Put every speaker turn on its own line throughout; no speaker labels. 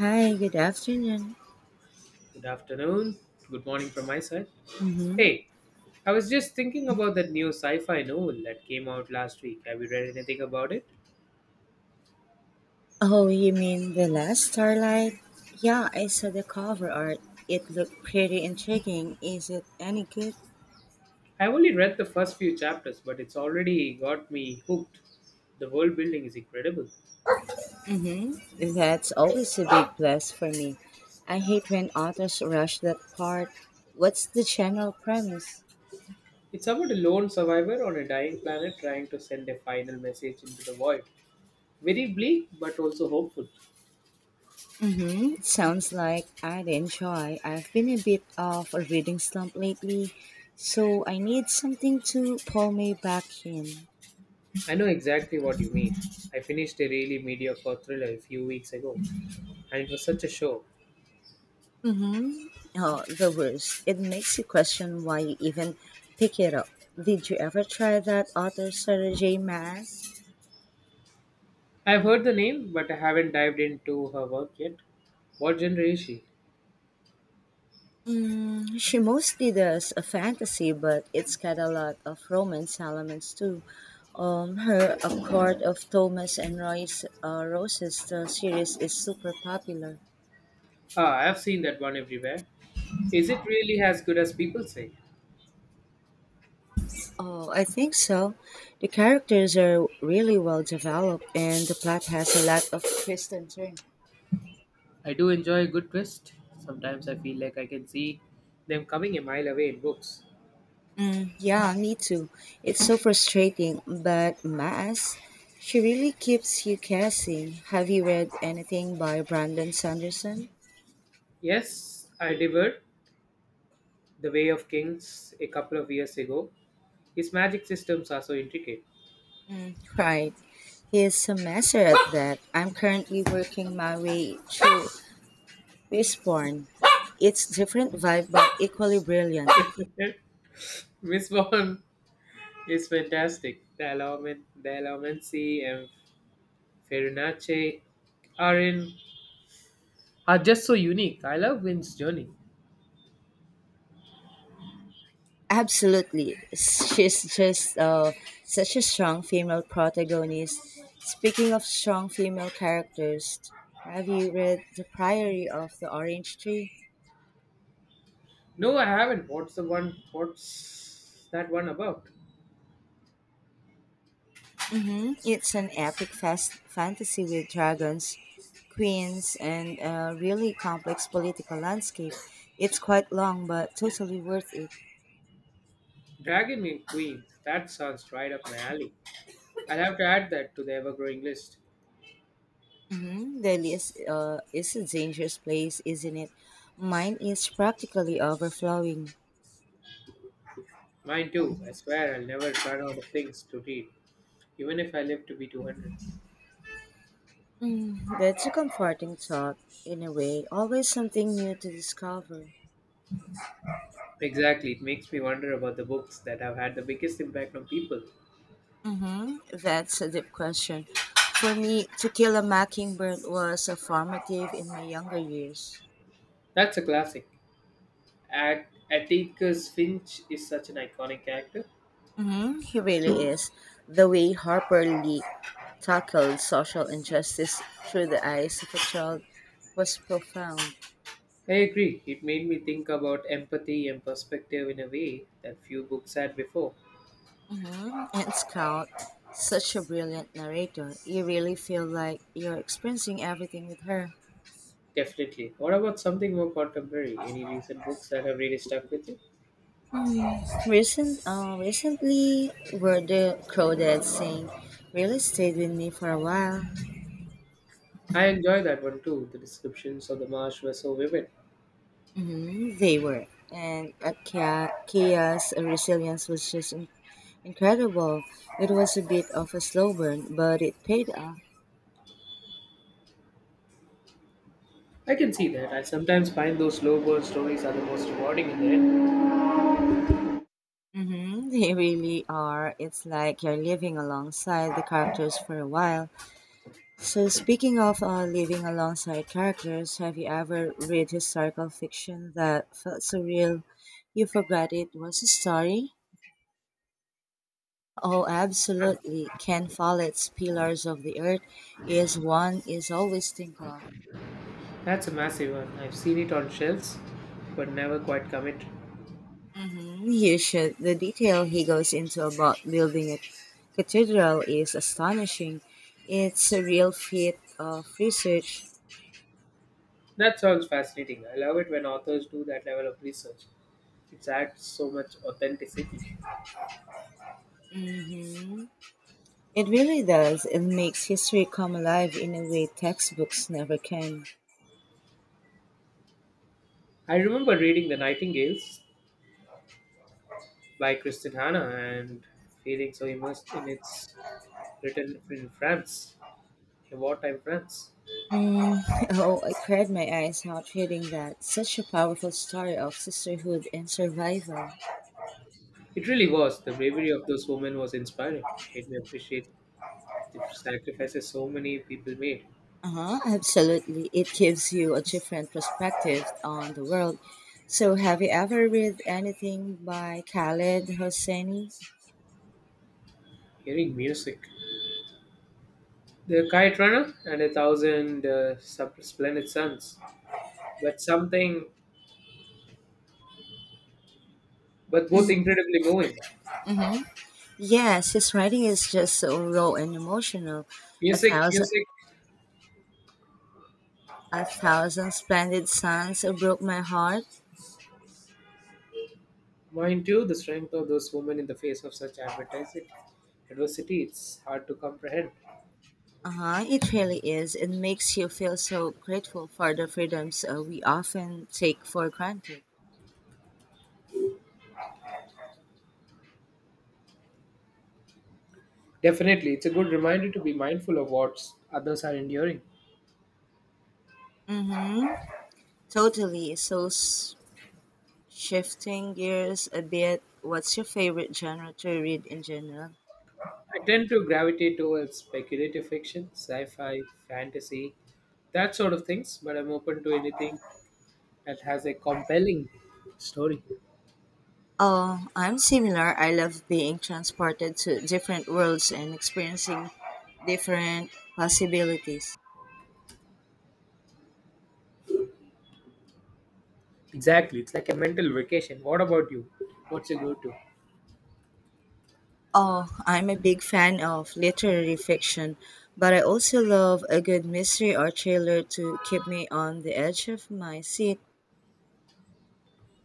Hi, good afternoon.
Good afternoon. Good morning from my side.
Mm-hmm.
Hey, I was just thinking about that new sci fi novel that came out last week. Have you read anything about it?
Oh, you mean The Last Starlight? Yeah, I saw the cover art. It looked pretty intriguing. Is it any good?
I've only read the first few chapters, but it's already got me hooked. The world building is incredible.
Mm-hmm. That's always a big plus for me. I hate when authors rush that part. What's the general premise?
It's about a lone survivor on a dying planet trying to send a final message into the void. Very bleak, but also hopeful.
Mm-hmm. Sounds like I'd enjoy. I've been a bit of a reading slump lately, so I need something to pull me back in.
I know exactly what you mean. I finished a really mediocre thriller a few weeks ago, and it was such a show.
Mm-hmm. Oh, the worst. It makes you question why you even pick it up. Did you ever try that author Sarah J. Maas?
I've heard the name, but I haven't dived into her work yet. What genre is she?
Mm, she mostly does a fantasy, but it's got a lot of romance elements too. Her A Court of Thomas and Royce Roses the series is super popular.
Ah, I've seen that one everywhere. Is it really as good as people say?
Oh, I think so. The characters are really well developed, and the plot has a lot of twists and turns.
I do enjoy a good twist. Sometimes I feel like I can see them coming a mile away in books.
Yeah, me too. It's so frustrating, but Maas, she really keeps you guessing. Have you read anything by Brandon Sanderson?
Yes, I devoured The Way of Kings a couple of years ago. His magic systems are so intricate.
Right. He is a master at that. I'm currently working my way through Respawn. It's different vibe but equally brilliant.
Miss Vaughn is fantastic. The Alamancy, and Ferinacci are in are just so unique. I love Wind's Journey.
Absolutely. She's just such a strong female protagonist. Speaking of strong female characters, have you read The Priory of the Orange Tree?
No, I haven't. What's the one? What's that one about?
Mm-hmm. It's an epic fast fantasy with dragons, queens, and a really complex political landscape. It's quite long, but totally worth it.
Dragon and Queen. That sounds right up my alley. I'll have to add that to the ever-growing list.
Mm-hmm. The list is a dangerous place, isn't it? Mine is practically overflowing.
Mine too. I swear I'll never run out of things to read, even if I live to be 200.
That's a comforting thought, in a way, always something new to discover.
Exactly. It makes me wonder about the books that have had the biggest impact on people.
Hmm. That's a deep question. For me, To Kill a Mockingbird was a formative in my younger years.
That's a classic. At Atticus Finch is such an iconic character.
Hmm. He really is. The way Harper Lee tackled social injustice through the eyes of a child was profound.
I agree. It made me think about empathy and perspective in a way that few books had before.
Hmm. And Scout, such a brilliant narrator, you really feel like you're experiencing everything with her.
Definitely. What about something more contemporary? Any recent books that have really stuck with you?
Recently, were the crowded scene really stayed with me for a while.
I enjoy that one too. The descriptions of the marsh were so vivid.
Hmm, they were, and Kia's resilience was just incredible. It was a bit of a slow burn, but it paid off.
I can see that. I sometimes find those slow burn stories are the most rewarding in the end.
Hmm. They really are. It's like you're living alongside the characters for a while. So speaking of living alongside characters, have you ever read historical fiction that felt so real you forgot it was a story? Oh, absolutely. Ken Follett's Pillars of the Earth is one is always think of.
That's a massive one. I've seen it on shelves, but never quite commit.
You should. The detail he goes into about building a cathedral is astonishing. It's a real feat of research.
That sounds fascinating. I love it when authors do that level of research. It adds so much authenticity.
Mhm. It really does. It makes history come alive in a way textbooks never can.
I remember reading The Nightingales by Christine Hanna and feeling so immersed in its written in France, the wartime France.
Mm. Oh, I cried my eyes out reading that. Such a powerful story of sisterhood and survival.
It really was. The bravery of those women was inspiring. Made me appreciate the sacrifices so many people made.
Uh-huh, absolutely. It gives you a different perspective on the world. So, have you ever read anything by Khaled Hosseini?
Hearing music, the kite runner and a thousand splendid suns, but something, but both incredibly moving.
Yes, his writing is just so raw and emotional. A
Music,
thousand,
music,
a thousand splendid suns broke my heart.
Mind too. The strength of those women in the face of such advertising adversity. It's hard to comprehend.
Uh-huh, it really is. It makes you feel so grateful for the freedoms we often take for granted.
Definitely, it's a good reminder to be mindful of what others are enduring.
Mm-hmm. Totally. So, shifting gears a bit, what's your favorite genre to read in general?
I tend to gravitate towards speculative fiction, sci fi, fantasy, that sort of things, but I'm open to anything that has a compelling story.
Oh, I'm similar. I love being transported to different worlds and experiencing different possibilities.
Exactly, it's like a mental vacation. What about you? What's your go to?
Oh, I'm a big fan of literary fiction, but I also love a good mystery or thriller to keep me on the edge of my seat.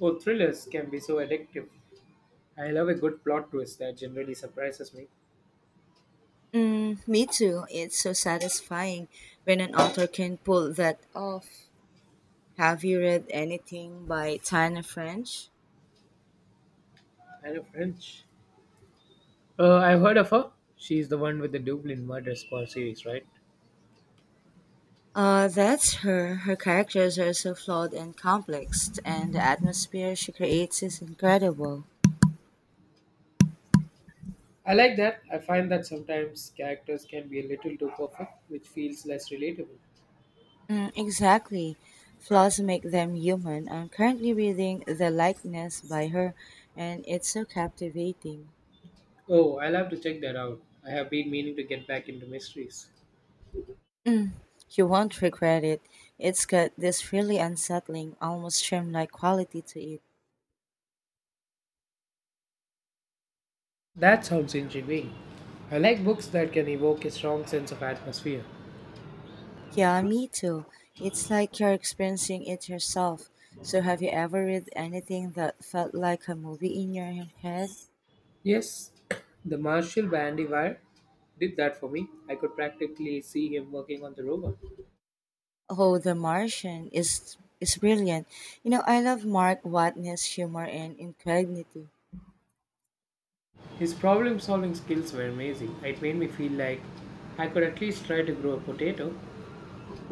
Oh, thrillers can be so addictive. I love a good plot twist that generally surprises me.
Mm, me too. It's so satisfying when an author can pull that off. Have you read anything by Tana French?
I know French. I've heard of her. She's the one with the Dublin Murder Squad series, right?
That's her. Her characters are so flawed and complex, and the atmosphere she creates is incredible.
I like that. I find that sometimes characters can be a little too perfect, which feels less relatable.
Mm, exactly. Flaws make them human. I'm currently reading The Likeness by her, and it's so captivating.
Oh, I'll have to check that out. I have been meaning to get back into mysteries.
You won't regret it. It's got this really unsettling, almost dreamlike like quality to it.
That sounds intriguing. I like books that can evoke a strong sense of atmosphere.
Yeah, me too. It's like you're experiencing it yourself. So, have you ever read anything that felt like a movie in your head?
Yes, the Marshall Bandywire did that for me. I could practically see him working on the robot.
Oh, The Martian is brilliant. You know, I love Mark Watney's humor and ingenuity.
His problem solving skills were amazing. It made me feel like I could at least try to grow a potato.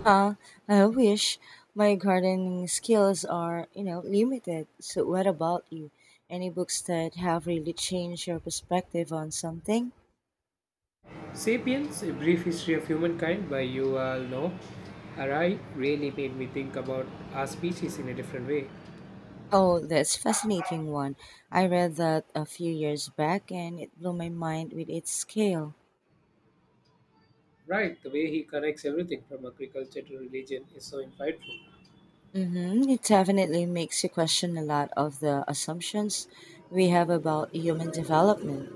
Huh? I wish my gardening skills are, you know, limited. So what about you? Any books that have really changed your perspective on something?
Sapiens, A Brief History of Humankind by Yuval Noah Harari really made me think about our species in a different way.
Oh, that's fascinating one. I read that a few years back and it blew my mind with its scale.
Right, the way he connects everything from agriculture to religion is so insightful.
Mm-hmm. It definitely makes you question a lot of the assumptions we have about human development.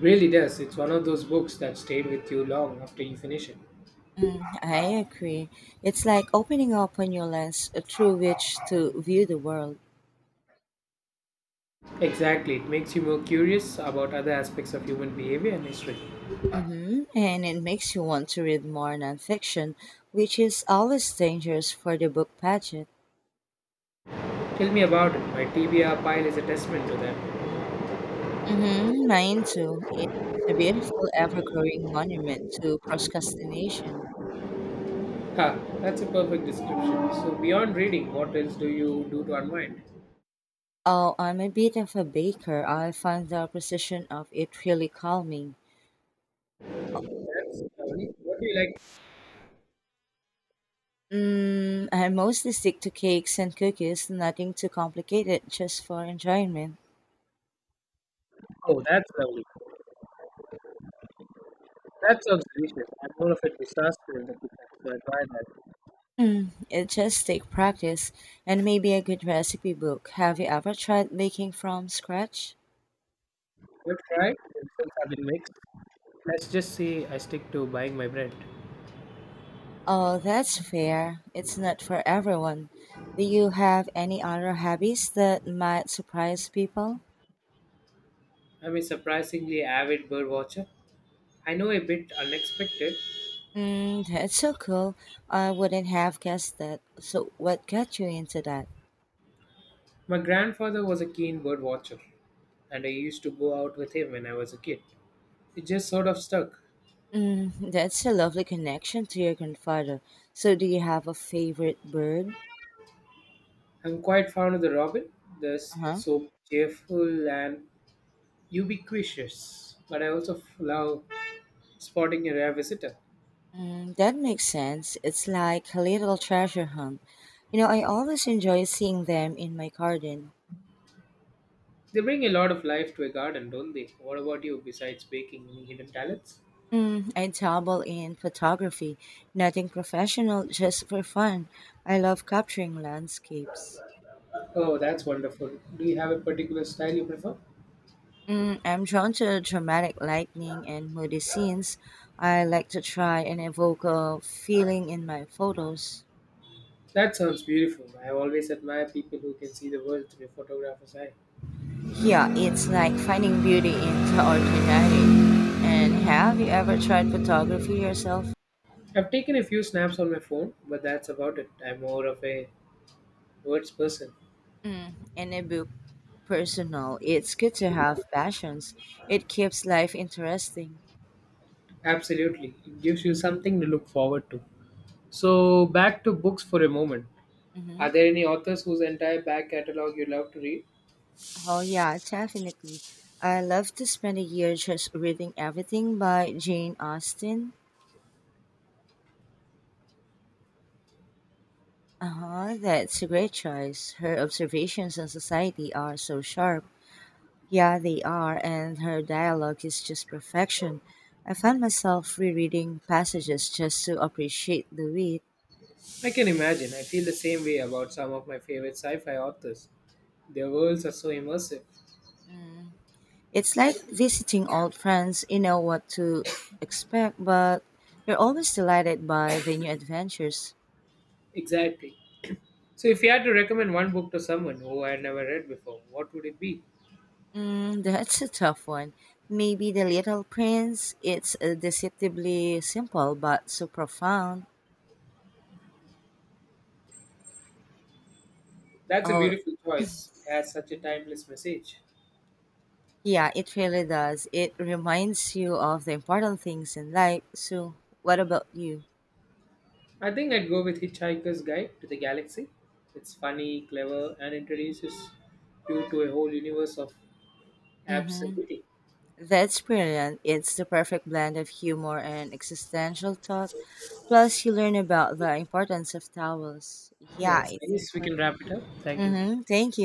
Really does. It's one of those books that stayed with you long after you finish it.
Mm, I agree. It's like opening up a new lens through which to view the world.
Exactly. It makes you more curious about other aspects of human behavior and history.
Hmm. And it makes you want to read more nonfiction, which is always dangerous for the book budget.
Tell me about it. My TBR pile is a testament to that.
Mm-hmm, mine too. It's a beautiful, ever growing monument to procrastination.
Ha, that's a perfect description. So, beyond reading, what else do you do to unwind?
Oh, I'm a bit of a baker. I find the precision of it really calming.
That's lovely. What do you like?
Mm, I mostly stick to cakes and cookies, nothing too complicated, just for enjoyment.
Oh, that's lovely. That sounds delicious. I'm more of a disaster in the kitchen, so I try that.
It just takes practice and maybe a good recipe book. Have you ever tried baking from scratch?
You've tried? The results have been mixed. Let's just say I stick to buying my bread.
Oh, that's fair. It's not for everyone. Do you have any other hobbies that might surprise people?
I'm a surprisingly avid bird watcher. I know, a bit unexpected.
Mm, that's so cool. I wouldn't have guessed that. So, what got you into that?
My grandfather was a keen bird watcher, and I used to go out with him when I was a kid. It just sort of stuck.
Mm. That's a lovely connection to your grandfather. So, do you have a favorite bird?
I'm quite fond of the robin. They're
Uh
s-
huh.
so cheerful and ubiquitous. But I also love spotting a rare visitor.
Mm, that makes sense. It's like a little treasure hunt. You know, I always enjoy seeing them in my garden.
They bring a lot of life to a garden, don't they? What about you, besides baking, any hidden talents?
Mm, I dabble in photography, nothing professional, just for fun. I love capturing landscapes.
Oh, that's wonderful. Do you have a particular style you prefer?
Mm, I'm drawn to dramatic lightning and moody scenes. I like to try and evoke a feeling in my photos.
That sounds beautiful. I always admire people who can see the world through a photographer's eye.
Yeah, it's like finding beauty in the ordinary. And have you ever tried photography yourself?
I've taken a few snaps on my phone, but that's about it. I'm more of a words person.
Mm, in a book, personal. It's good to have passions. It keeps life interesting.
Absolutely. It gives you something to look forward to. So, back to books for a moment. Are
Hmm.
there any authors whose entire back catalog you love to read?
Oh, yeah, definitely. I love to spend a year just reading everything by Jane Austen. Uh huh, that's a great choice. Her observations on society are so sharp. Yeah, they are, and her dialogue is just perfection. I found myself rereading passages just to appreciate the wit.
I can imagine. I feel the same way about some of my favorite sci fi authors. Their worlds are so immersive.
It's like visiting old friends, you know what to expect, but you're always delighted by the new adventures.
Exactly. So, if you had to recommend one book to someone who had never read before, what would it be?
Mm, that's a tough one. Maybe The Little Prince. It's deceptively simple but so profound.
That's a
Oh,
beautiful choice. It has such a timeless message.
yeah, it really does. It reminds you of the important things in life. So, what about you?
I think I'd go with Hitchhiker's Guide to the Galaxy. It's funny, clever, and introduces you to a whole universe of
Mm-hmm.
absurdity.
That's brilliant. It's the perfect blend of humor and existential thought. Plus, you learn about the importance of towels. Yeah,
Yes,
I
I
think.
guess we can wrap it up. Thank you.
Mm-hmm. Thank you.